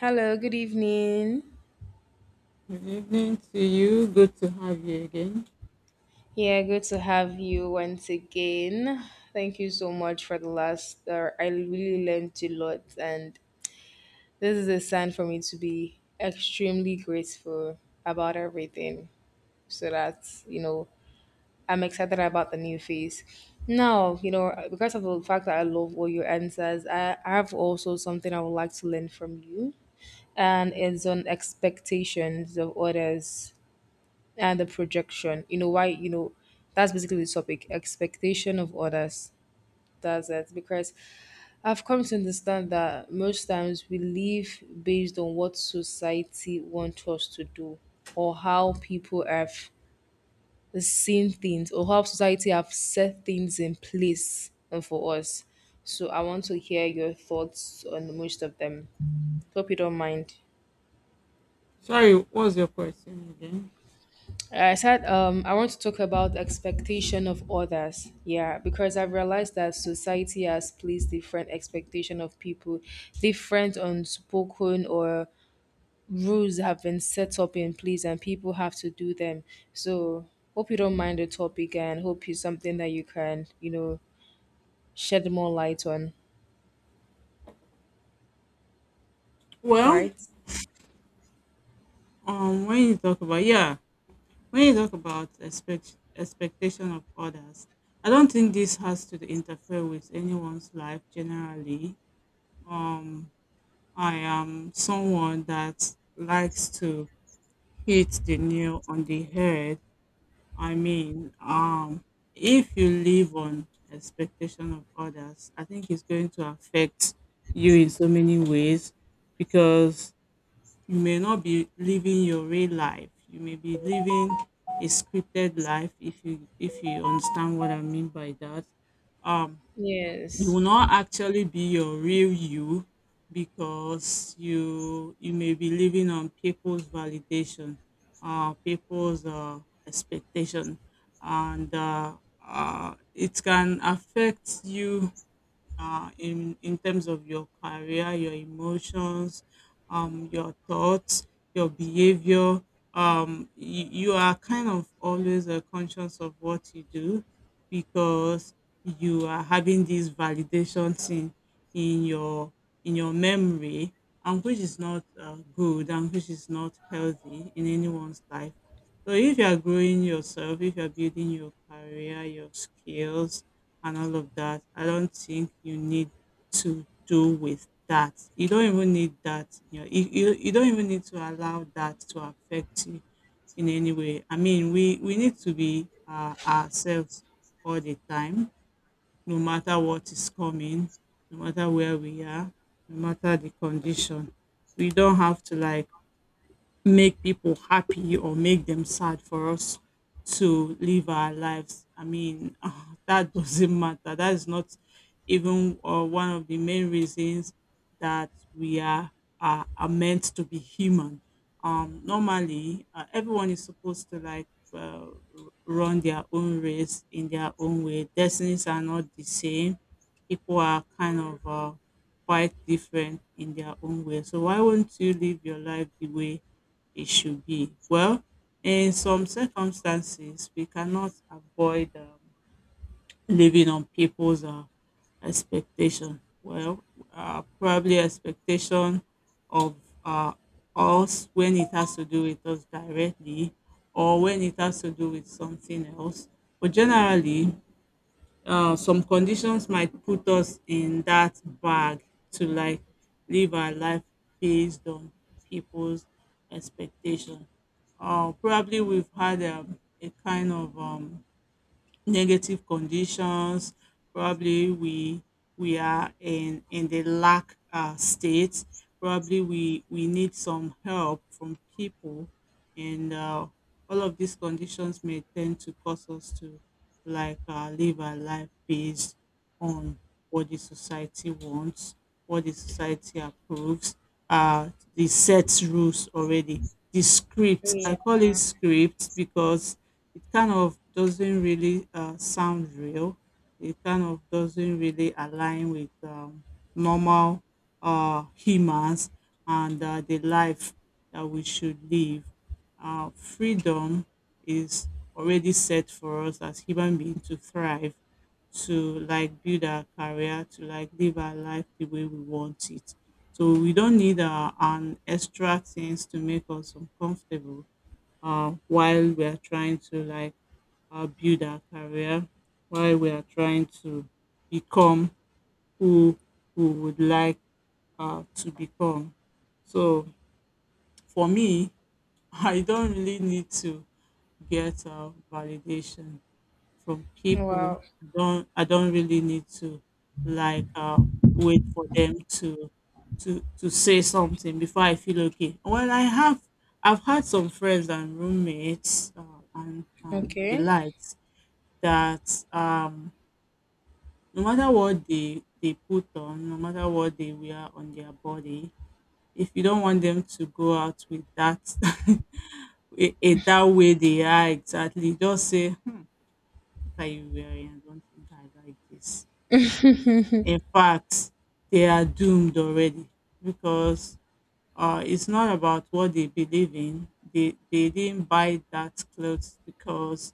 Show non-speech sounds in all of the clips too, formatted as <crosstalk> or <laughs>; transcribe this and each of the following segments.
Hello, good evening. Good evening to you. Good to have you again. Yeah, good to have you once again. Thank you so much for the last hour. I really learned a lot, and this is a sign for me to be extremely grateful about everything. So that, I'm excited about the new phase. Now, because of the fact that I love all your answers, I have also something I would like to learn from you, and it's on expectations of others. And the projection, why, that's basically the topic, expectation of others. That's it, because I've come to understand that most times we live based on what society wants us to do, or how people have seen things, or how society have set things in place for us. So I want to hear your thoughts on most of them. Hope you don't mind. Sorry, what's your question again? I said, I want to talk about expectation of others. Yeah, because I've realized that society has placed different expectation of people, different unspoken or rules have been set up in place, and people have to do them. So hope you don't mind the topic, and hope it's something that you can shed more light on. Well, Right? When you talk about yeah, when you talk about expectation of others, I don't think this has to interfere with anyone's life generally. Um, I am someone that likes to hit the nail on the head. I mean, um, if you live on expectation of others, I think it's going to affect you in so many ways because you may not be living your real life. You may be living a scripted life if you understand what I mean by that. Um, you Yes. will not actually be your real you because you may be living on people's validation, people's expectation, and it can affect you, in terms of your career, your emotions, your thoughts, your behavior. You, you are kind of always conscious of what you do because you are having this validation thing in your memory, and which is not good and which is not healthy in anyone's life. So if you are growing yourself, if you are building your career, your skills, and all of that, I don't think you need to do with that. You don't even need that. You know, you don't even need to allow that to affect you in any way. I mean, we need to be ourselves all the time, no matter what is coming, no matter where we are, no matter the condition. We don't have to like make people happy or make them sad for us to live our lives. I mean, <laughs> that doesn't matter. That is not even one of the main reasons that are meant to be human. Everyone is supposed to uh, run their own race in their own way. Destinies are not the same. People are kind of quite different in their own way. So why won't you live your life the way it should be? Well, in some circumstances, we cannot avoid living on people's expectation. Probably expectation of uh, us, when it has to do with us directly or when it has to do with something else. But generally, some conditions might put us in that bag to like live our life based on people's expectation. Probably we've had a kind of negative conditions. Probably we are in the lack state. Probably we need some help from people, and all of these conditions may tend to cause us to live our life based on what the society wants, what the society approves, uh, the set rules already, the script. I Yeah. call it script because it kind of doesn't really sound real. It kind of doesn't really align with normal humans and the life that we should live. Freedom is already set for us as human beings to thrive, to like build our career, to like live our life the way we want it. So we don't need an extra things to make us uncomfortable while we are trying to like build our career, while we are trying to become who we would like to become. So for me, <laughs> I don't really need to get validation from people. Wow. I don't really need to like wait for them to to say something before I feel okay. Well, I've had some friends and roommates and the Okay. likes that no matter what they put on, no matter what they wear on their body, if you don't want them to go out with that <laughs> that way they are exactly, just say, hmm, what are you wearing? I don't think I like this. In fact, they are doomed already because it's not about what they believe in. They didn't buy that clothes because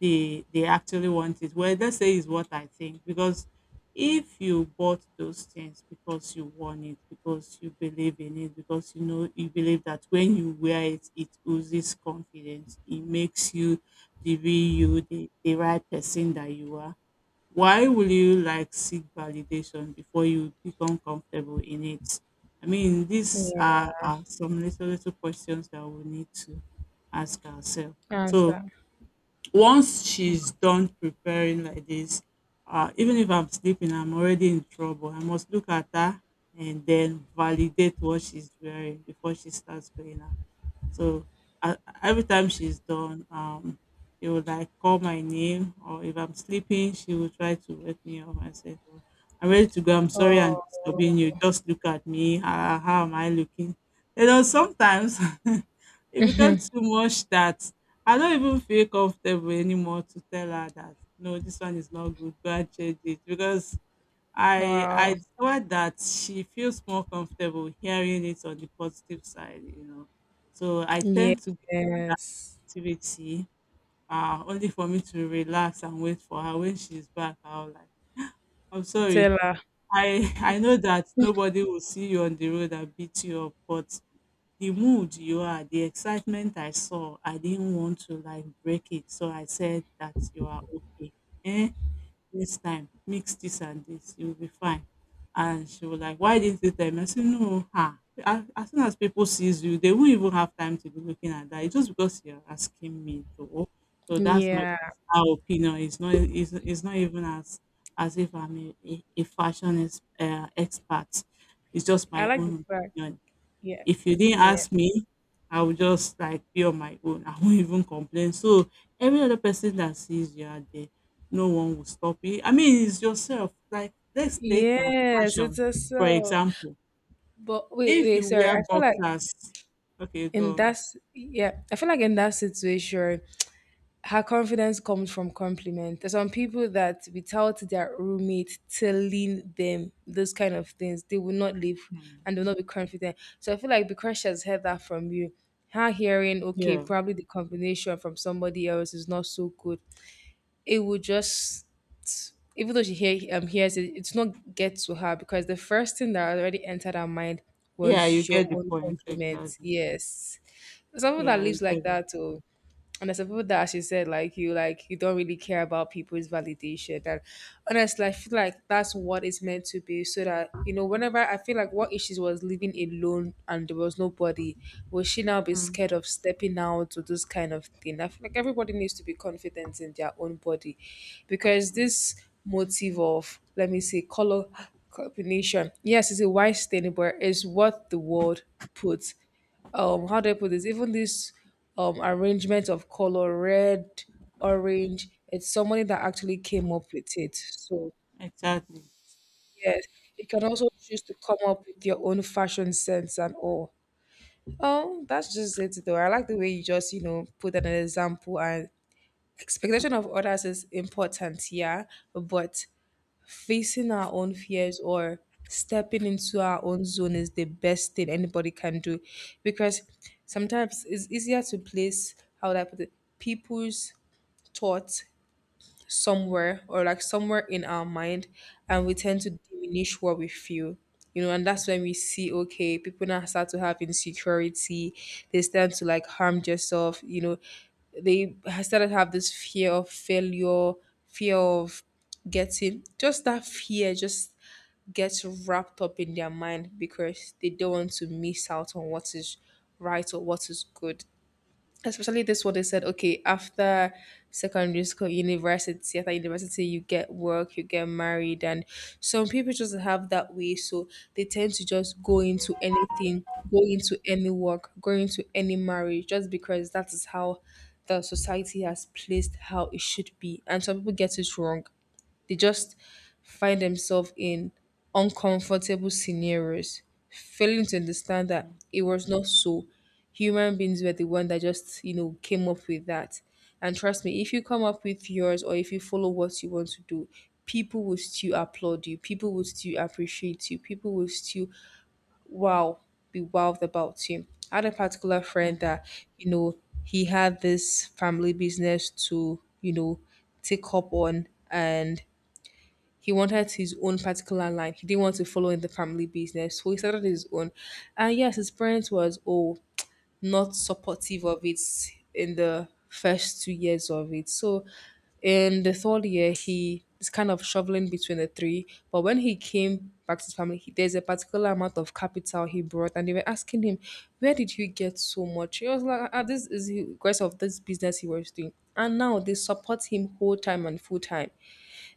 they actually want it. Well, let's say is what I think, because if you bought those things because you want it, because you believe in it, because you know you believe that when you wear it, it oozes confidence. It makes you the real you, the right person that you are. Why will you like seek validation before you become comfortable in it? I mean, these Yeah. Are some little little questions that we need to ask ourselves. So Answer. once she's done preparing like this, even if I'm sleeping, I'm already in trouble. I must look at her and then validate what she's wearing before she starts going out. So I, every time she's done, she would like call my name, or if I'm sleeping, she would try to wake me up and say, "Oh, I'm ready to go. I'm sorry I'm Oh. disturbing you. Just look at me. How am I looking?" You know, sometimes <laughs> it becomes too much that I don't even feel comfortable anymore to tell her that no, this one is not good. Go and change it, because I Wow. thought that she feels more comfortable hearing it on the positive side, you know. So I tend to Yes. give activity only for me to relax and wait for her when she's back. I'll like, I'm sorry. Tela. I <laughs> I know that nobody will see you on the road and beat you up, but the mood you are, the excitement I saw, I didn't want to like break it. So I said that you are okay. Eh? Next time, mix this and this, you'll be fine." And she was like, "Why didn't you tell me?" I said, "No, ha. As soon as people sees you, they won't even have time to be looking at that. It's just because you're asking me, though. So that's my Yeah. personal opinion. It's not even as if I'm a fashion is, expert. It's just I my like the own fact. opinion. Yeah. If you didn't Yeah. ask me, I would just like be on my own. <laughs> I won't even complain. So every other person that sees you out there, no one will stop it. I mean, it's yourself. Like let's take Yes, fashion it's a for self. example. But wait, If wait, you sorry. wear I feel like boxers, okay, in go that on. s- Yeah, I feel like in that situation, her confidence comes from compliment. There's some people that without their roommate telling them those kind of things, they will not live Hmm. and will not be confident. So I feel like because she has heard that from you, her hearing, okay, Yeah, probably the combination from somebody else is not so good. It would just, even though hears it, it's not get to her, because the first thing that already entered her mind yeah, you was your get the own point compliment. exactly. Yes, someone that Yeah, you lives get like it. that, oh, and there's some people that, as you said, like you don't really care about people's validation. And honestly, I feel like that's what it's meant to be, so that whenever, I feel like, what if she was living alone and there was nobody? Will she now be Mm. scared of stepping out to this kind of thing? I feel like everybody needs to be confident in their own body, because this motive of, let me say, color combination, yes, it's a wise thing, but it's what the world puts. How do I put this? Even this arrangement of color, red, orange, it's somebody that actually came up with it. So Exactly. yes, you can also choose to come up with your own fashion sense and all. Oh, that's just it though. I like the way you just, put an example, and expectation of others is important, yeah. But facing our own fears or stepping into our own zone is the best thing anybody can do, because sometimes it's easier to place, how would I put it, people's thoughts somewhere, or like somewhere in our mind, and we tend to diminish what we feel, and that's when we see, okay, people now start to have insecurity. They start to like harm themselves, they started to have this fear of failure, fear of getting. Just that fear just gets wrapped up in their mind because they don't want to miss out on what is right or what is good. Especially this one, they said, okay, after secondary school, university. After university, you get work, you get married, and some people just have that way. So they tend to just go into anything, go into any work, go into any marriage, just because that is how the society has placed how it should be. And some people get it wrong. They just find themselves in uncomfortable scenarios, failing to understand that Mm, it was not so. Human beings were the one that just, came up with that. And trust me, if you come up with yours, or if you follow what you want to do, people will still applaud you, people will still appreciate you, people will still, wow, be wowed about you. I had a particular mm. friend that, you know, he had this family business to, take up on, and he wanted his own particular line. He didn't want to follow in the family business. So he started his own. And yes, his parents was, oh, not supportive of it in the first 2 years of it. So in the third year, he is kind of shoveling between the three. But when he came back to his family, there's a particular amount of capital he brought, and they were asking him, "Where did you get so much?" He was like, ah, this is the grace of this business he was doing. And now they support him whole time and full time.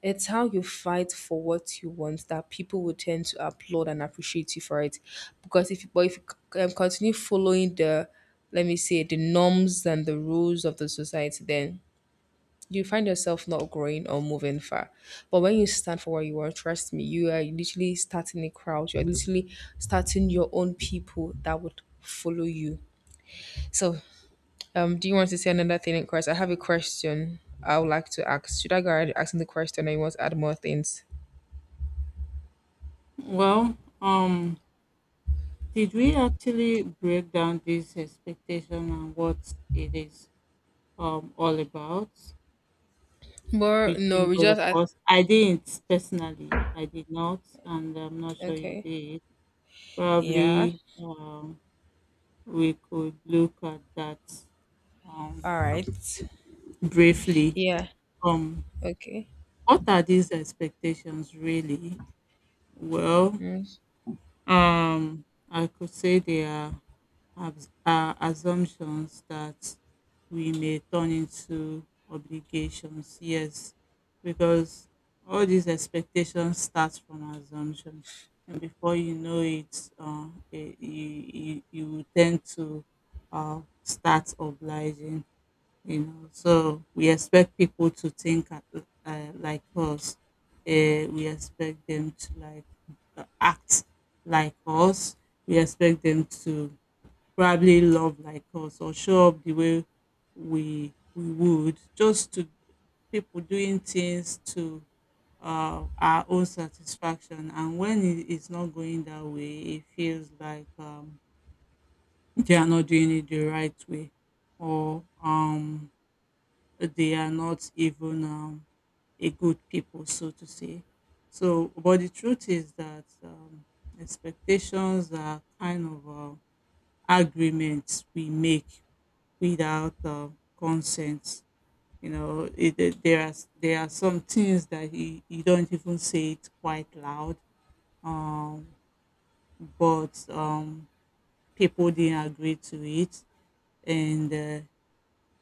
It's how you fight for what you want that people will tend to applaud and appreciate you for it. Because if, but if you continue following the, let me say, the norms and the rules of the society, then you find yourself not growing or moving far. But when you stand for what you want, trust me, you are literally starting a crowd. You're literally starting your own people that would follow you. So, do you want to say another thing, Chris? I have a question I would like to ask. Should I go ahead asking the question? I want to add more things. Well, um, did we actually break down this expectation and what it is all about But no, between we both just of at us? I didn't personally. I did not, and I'm not sure you okay. did. Yeah. Probably we could look at that um, All right. briefly. Yeah. Um, Okay. what are these expectations really? Well, Mm, I could say they are, are assumptions that we may turn into obligations. Yes, because all these expectations start from assumption, and before you know it, you you will tend to start obliging. You know, so we expect people to like us, we expect them to act like us, we expect them to probably love like us or show up the way we would, just to people doing things to our own satisfaction, and when it is not going that way it feels like they are not doing it the right way, or they are not even a good people, so to say. So, but the truth is that expectations are kind of agreements we make without consent. You know, there are some things that you don't even say it quite loud, um, but people didn't agree to it, and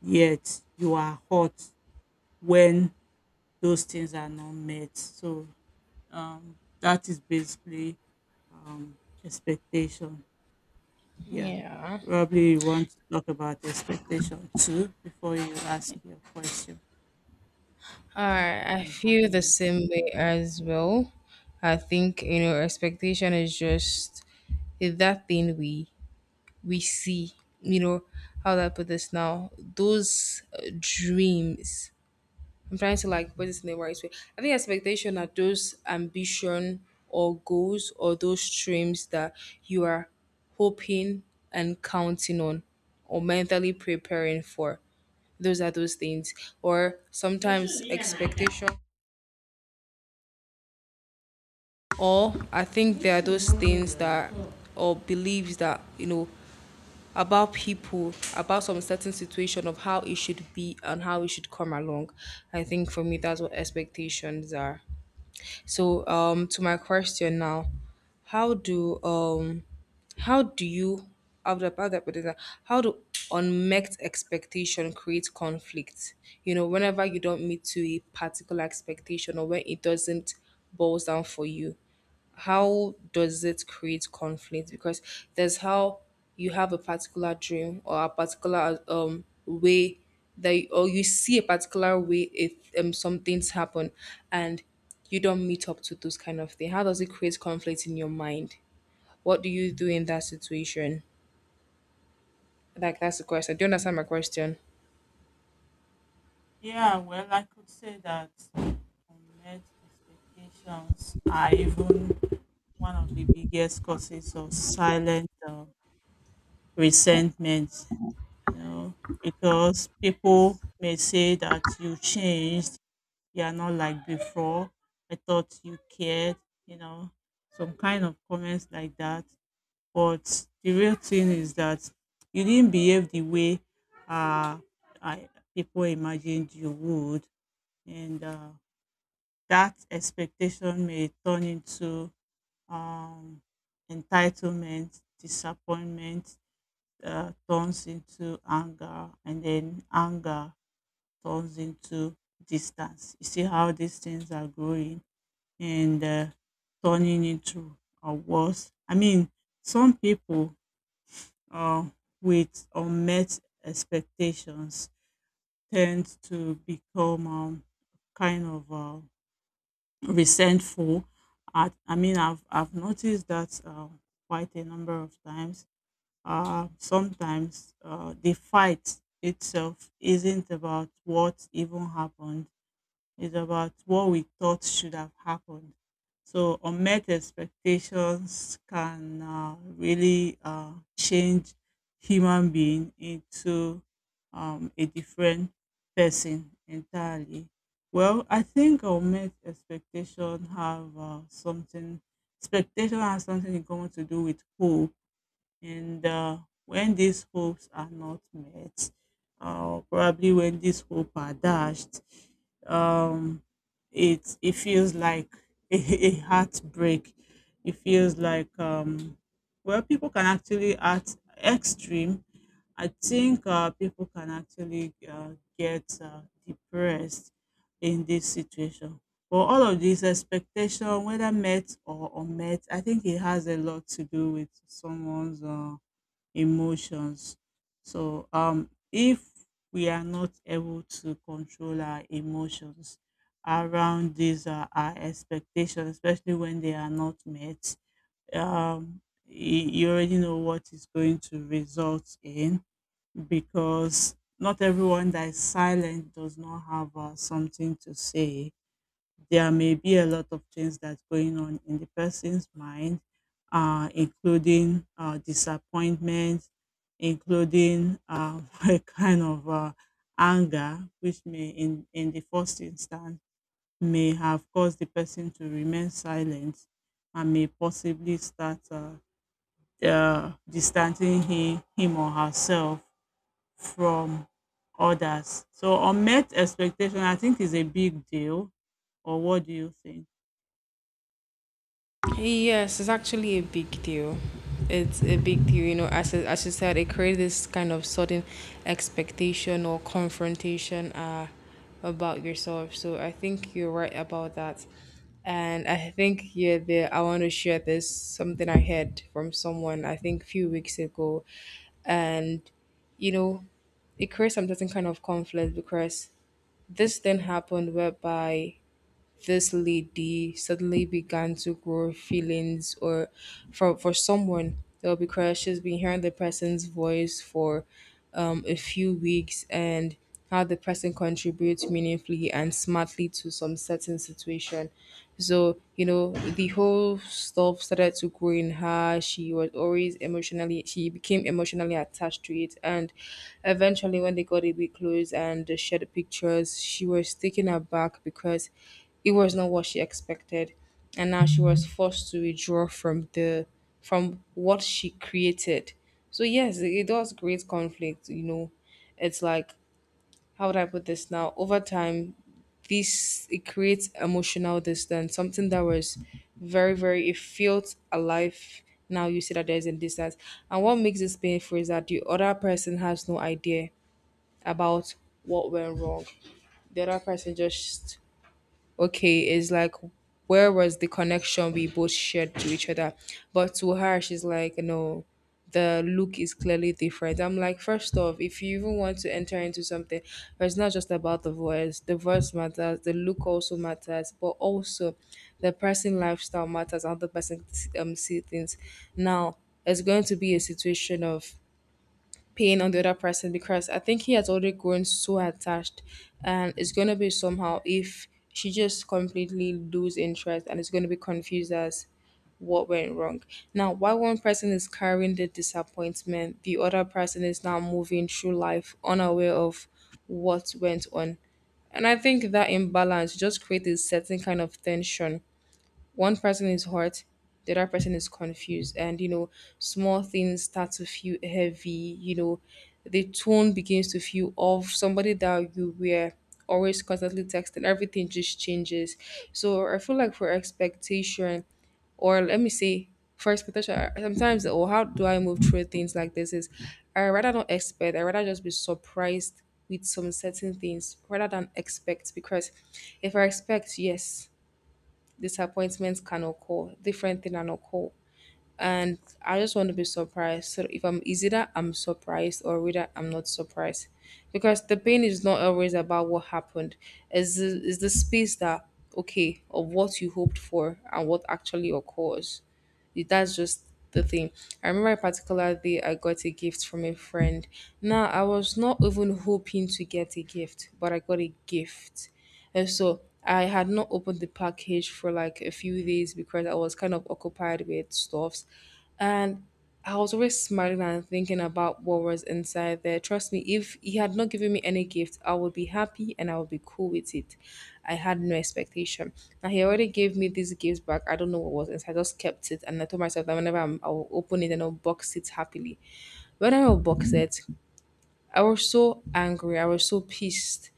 yet you are hurt when those things are not met. So that is basically um, expectation. Yeah, yeah. probably you want to talk about expectation too before you ask your question. All right. I I'm feel having the it. same way as well. I think expectation is just, is that thing we see. You know how do I put this now? Those dreams. I'm trying to like put it in the right way. I think expectation are those ambition, or goals, or those dreams that you are hoping and counting on, or mentally preparing for. Those are those things. Or sometimes expectation, or I think there are those things that, or beliefs that, about people, about some certain situation of how it should be and how it should come along. I think for me that's what expectations are. So, to my question now, how do um how do you, how do how do I put this? How do unmet expectation create conflict? Whenever you don't meet to a particular expectation, or when it doesn't boils down for you, how does it create conflict? Because there's how you have a particular dream, or a particular way or you see a particular way, if some things happen, and you don't meet up to those kind of thing. How does it create conflict in your mind? What do you do in that situation? Like that's the question. Do you understand my question? Yeah, well, I could say that unmet expectations are even one of the biggest causes of silent resentment. You know, because people may say that you changed, you are not like before. I thought you cared, you know, some kind of comments like that. But the real thing is that you didn't behave the way uh, I, people imagined you would. And That expectation may turn into um, entitlement, disappointment, turns into anger, and then anger turns into distance. You see how these things are growing and turning into worse. I mean, some people uh, with unmet expectations tend to become kind of resentful. I've noticed that quite a number of times. Sometimes the fight itself isn't about what even happened, it's about what we thought should have happened. So unmet expectations can really change human being into a different person entirely. Well, I think unmet expectation have something. Expectation has something in common to do with hope and when these hopes are not met, probably when these hopes are dashed, um, it feels like <laughs> a, a heartbreak. It feels like well, people can actually at extreme. I think people can actually get depressed in this situation, but all of this expectation, whether met or unmet, I think it has a lot to do with someone's emotions. So, if we are not able to control our emotions around these our expectations, especially when they are not met, um, you already know what is going to result in, because not everyone that is silent does not have something to say. There may be a lot of things that's going on in the person's mind, including disappointment, including <laughs> a kind of anger, which may, in the first instance, may have caused the person to remain silent and may possibly start distancing him or herself from others. So, unmet expectation, I think, is a big deal. Or what do you think? Yes, it's actually a big deal. It's a big deal, you know. As you said, it creates this kind of sudden expectation or confrontation about yourself. So I think you're right about that, and I think, yeah, there. I want to share this something I heard from someone I think a few weeks ago, and, you know, it creates some certain kind of conflict, because this then happened, whereby this lady suddenly began to grow feelings, or for someone that will be crushed. She's been hearing the person's voice for a few weeks, and how the person contributes meaningfully and smartly to some certain situation. So, the whole stuff started to grow in her. She was always emotionally, she became emotionally attached to it. And eventually, when they got a bit close and they shared pictures, she was taken aback because it was not what she expected, and now she was forced to withdraw from the, from what she created. So yes, it does create conflict. It's like, how would I put this now? Over time, this it creates emotional distance. Something that was very, very, it felt alive. Now you see that there's a distance, and what makes this painful is that the other person has no idea about what went wrong. The other person, just okay, it's like, where was the connection we both shared to each other? But to her, she's like, no, the look is clearly different. I'm like, first off, if you even want to enter into something, it's not just about the voice. The voice matters, the look also matters, but also the person lifestyle matters, how the person, see things. Now it's going to be a situation of pain on the other person, because I think he has already grown so attached, and it's gonna be somehow if she just completely lose interest, and it's gonna be confused as what went wrong. Now while one person is carrying the disappointment, the other person is now moving through life unaware of what went on. And I think that imbalance just creates a certain kind of tension. One person is hurt, the other person is confused, and small things start to feel heavy, the tone begins to feel off. Somebody that you were always constantly texting, everything just changes. So I feel like for expectation, or let me say, for expectation, sometimes, or how do I move through things like this is I rather not expect, I rather just be surprised with some certain things rather than expect. Because if I expect, yes, disappointments can occur, different things can occur. And I just want to be surprised. So if I'm, is either I'm surprised or whether I'm not surprised. Because the pain is not always about what happened. It's the space that, okay, of what you hoped for and what actually occurs. That's just the thing. I remember a particular day I got a gift from a friend. Now, I was not even hoping to get a gift, but I got a gift. And so I had not opened the package for like a few days because I was kind of occupied with stuffs. And I was always smiling and thinking about what was inside there. Trust me, if he had not given me any gift, I would be happy and I would be cool with it. I had no expectation. Now he already gave me these gifts back. I don't know what was inside. I just kept it, and I told myself that whenever I'm, I'll open it and I'll box it happily. When I unboxed it, I was so angry. I was so pissed.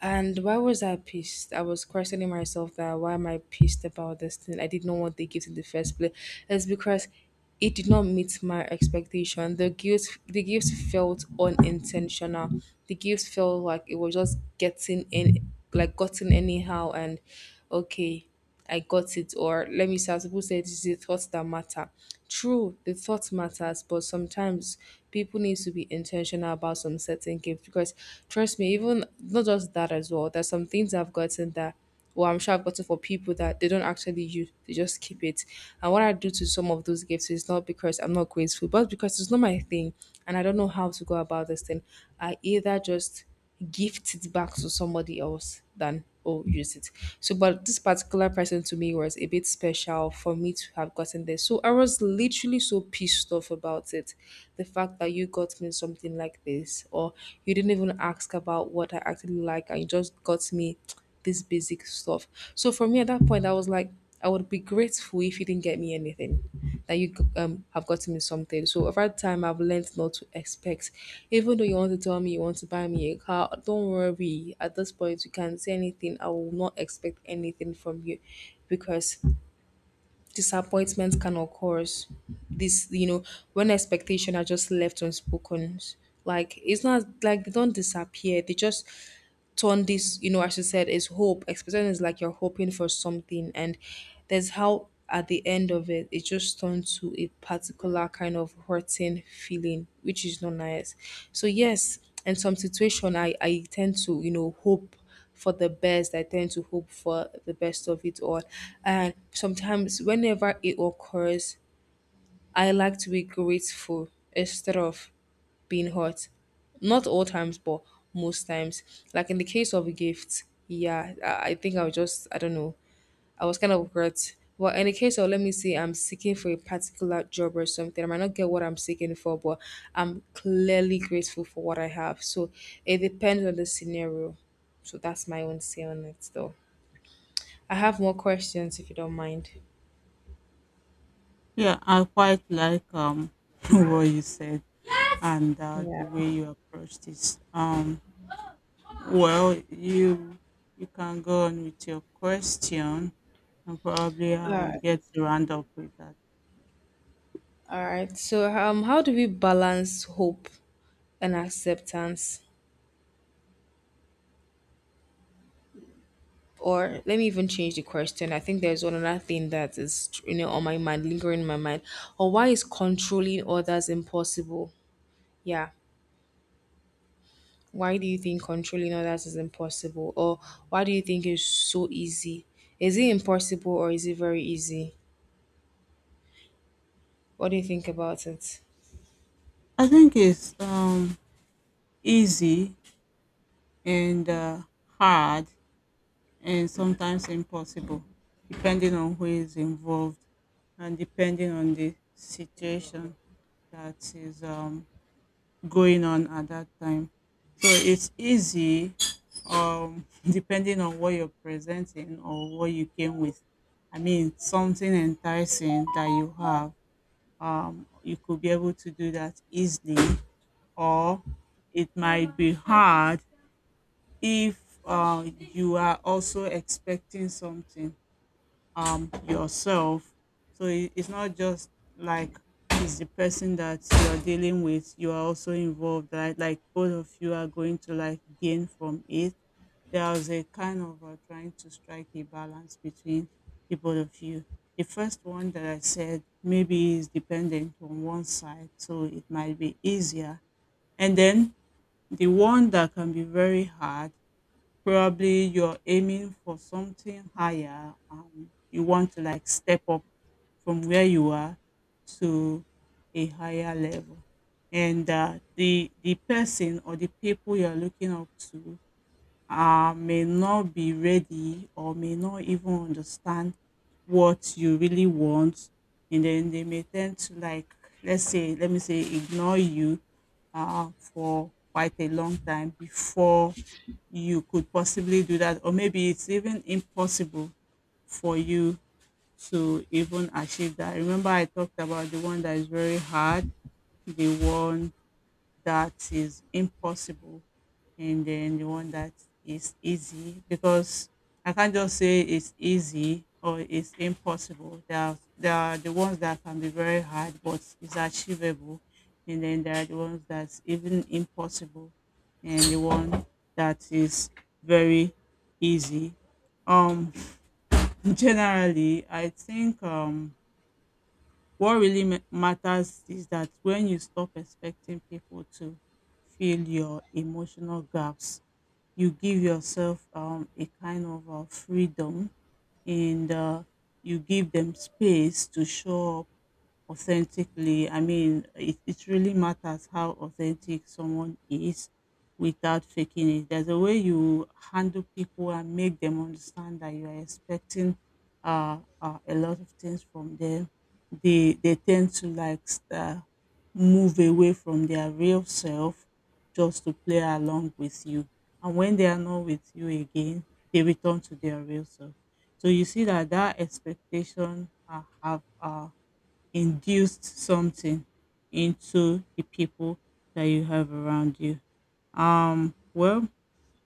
And why was I pissed? I was questioning myself that why am I pissed about this thing? I didn't know what they gave in the first place. It's because it did not meet my expectation. The guilt felt unintentional. The guilt felt like it was just getting in, like gotten anyhow, and okay, I got it. Or let me say, as people say, it's the thoughts that matter. True, the thought matters, but sometimes people need to be intentional about some certain gifts because, trust me, even not just that as well, there's some things I've gotten that, well, I'm sure I've gotten for people that they don't actually use, they just keep it. And what I do to some of those gifts is not because I'm not grateful, but because it's not my thing and I don't know how to go about this thing. I either just gift it back to somebody else than oh use it. So but this particular person to me was a bit special for me to have gotten this, so I was literally so pissed off about it. The fact that you got me something like this, or you didn't even ask about what I actually like and you just got me <tsk> this basic stuff. So for me at that point I was like, I would be grateful if you didn't get me anything, that you have gotten me something. So over time, I've learned not to expect. Even though you want to tell me you want to buy me a car, don't worry. At this point, you can't say anything. I will not expect anything from you because disappointment can occur. This, you know, when expectation are just left unspoken, like, it's not like they don't disappear. They just turn this, you know, as you said, is hope. Expectation is like you're hoping for something, and there's how at the end of it, it just turns to a particular kind of hurting feeling, which is not nice. So yes, in some situation, I tend to, you know, hope for the best. I tend to hope for the best of it all. And sometimes, whenever it occurs, I like to be grateful instead of being hurt. Not all times, but most times. Like in the case of a gift, yeah, I think I'll just, I don't know, I was kind of hurt. But in the case of, let me say, I'm seeking for a particular job or something, I might not get what I'm seeking for, but I'm clearly grateful for what I have. So it depends on the scenario. So that's my own say on it, though. I have more questions if you don't mind. Yeah, I quite like <laughs> what you said and Yeah. the way you approached this. Well, you can go on with your question, and probably I All will right. get to round up with that. All right. So, how do we balance hope and acceptance? Or let me even change the question. I think there's one other thing that is, you know, on my mind, lingering in my mind. Or why is controlling others impossible? Yeah. Why do you think controlling others is impossible? Or why do you think it's so easy? Is it impossible or is it very easy? What do you think about it? I think it's easy and hard and sometimes impossible, depending on who is involved and depending on the situation that is going on at that time. So it's easy, <laughs> depending on what you're presenting or what you came with. I mean, something enticing that you have, you could be able to do that easily, or it might be hard if you are also expecting something yourself. So it's not just like it's the person that you're dealing with. You are also involved, right? Like both of you are going to like gain from it. There was a kind of trying to strike a balance between the both of you. The first one that I said maybe is dependent on one side, so it might be easier, and then the one that can be very hard. Probably you're aiming for something higher. You want to like step up from where you are to a higher level, and the person or the people you're looking up to may not be ready or may not even understand what you really want, and then they may tend to like, let me say, ignore you for quite a long time before you could possibly do that, or maybe it's even impossible for you to even achieve that. Remember I talked about the one that is very hard, the one that is impossible, and then the one that is easy? Because I can't just say it's easy or it's impossible. There are the ones that can be very hard but is achievable, and then there are the ones that's even impossible, and the one that is very easy. Um, <laughs> generally, I think what really matters is that when you stop expecting people to fill your emotional gaps, you give yourself a kind of freedom, and you give them space to show up authentically. I mean, it really matters how authentic someone is without faking it. There's a way you handle people and make them understand that you are expecting a lot of things from them. They tend to like move away from their real self just to play along with you. And when they are not with you again, they return to their real self. So you see that that expectation have induced something into the people that you have around you. Well,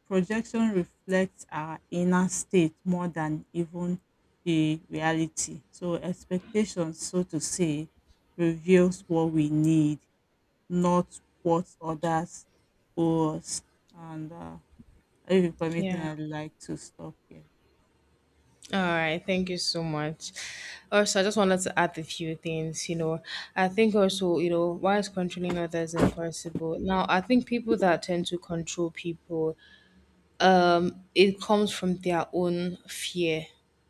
projection reflects our inner state more than even the reality. So, expectations, so to say, reveals what we need, not what others owe us. And if you permit me, Yeah. I'd like to stop here. All right. Thank you so much. Also, I just wanted to add a few things. You know, I think also, you know, why is controlling others impossible? Now, I think people that tend to control people, it comes from their own fear.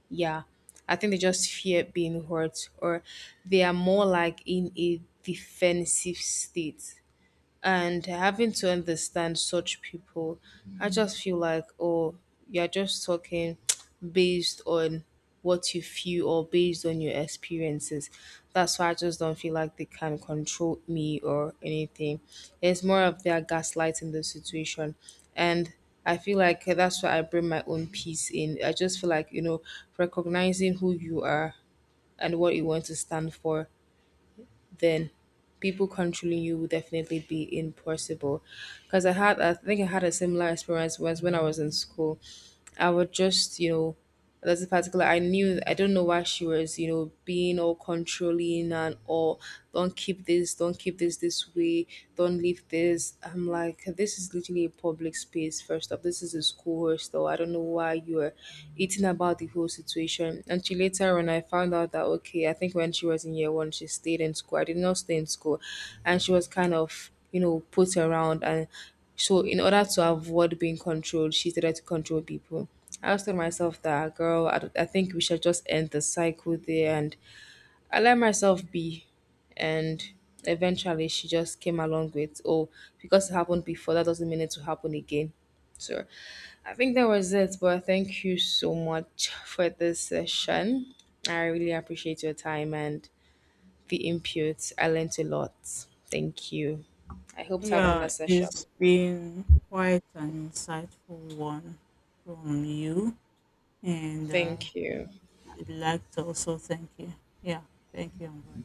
Yeah. I think they just fear being hurt, or they are more like in a defensive state, and having to understand such people, I just feel like, oh, you're just talking <tsk> based on what you feel or based on your experiences. That's why I just don't feel like they can control me or anything. It's more of their gaslighting the situation. And I feel like that's why I bring my own peace in. I just feel like, you know, recognizing who you are and what you want to stand for, then people controlling you will definitely be impossible. Because I had, I think I had a similar experience once when I was in school. I would just, you know, there's a particular, I knew, I don't know why she was, you know, being all controlling and all, don't keep this this way, don't leave this. I'm like, this is literally a public space, first off. This is a school hostel. I don't know why you're eating about the whole situation. And she later on, I found out that, okay, I think when she was in year one, she stayed in school. I did not stay in school. And she was kind of, you know, put around. And so, in order to avoid being controlled, she started to control people. I was telling myself that, girl, I think we should just end the cycle there and I let myself be. And eventually she just came along with, oh, because it happened before, that doesn't mean it to happen again. So I think that was it. But thank you so much for this session. I really appreciate your time and the input. I learned a lot. Thank you. I hope to have another Yeah, session. it's been quite an insightful one from you. And Thank you. I'd like to also thank you. Yeah, thank you, Ambrosia.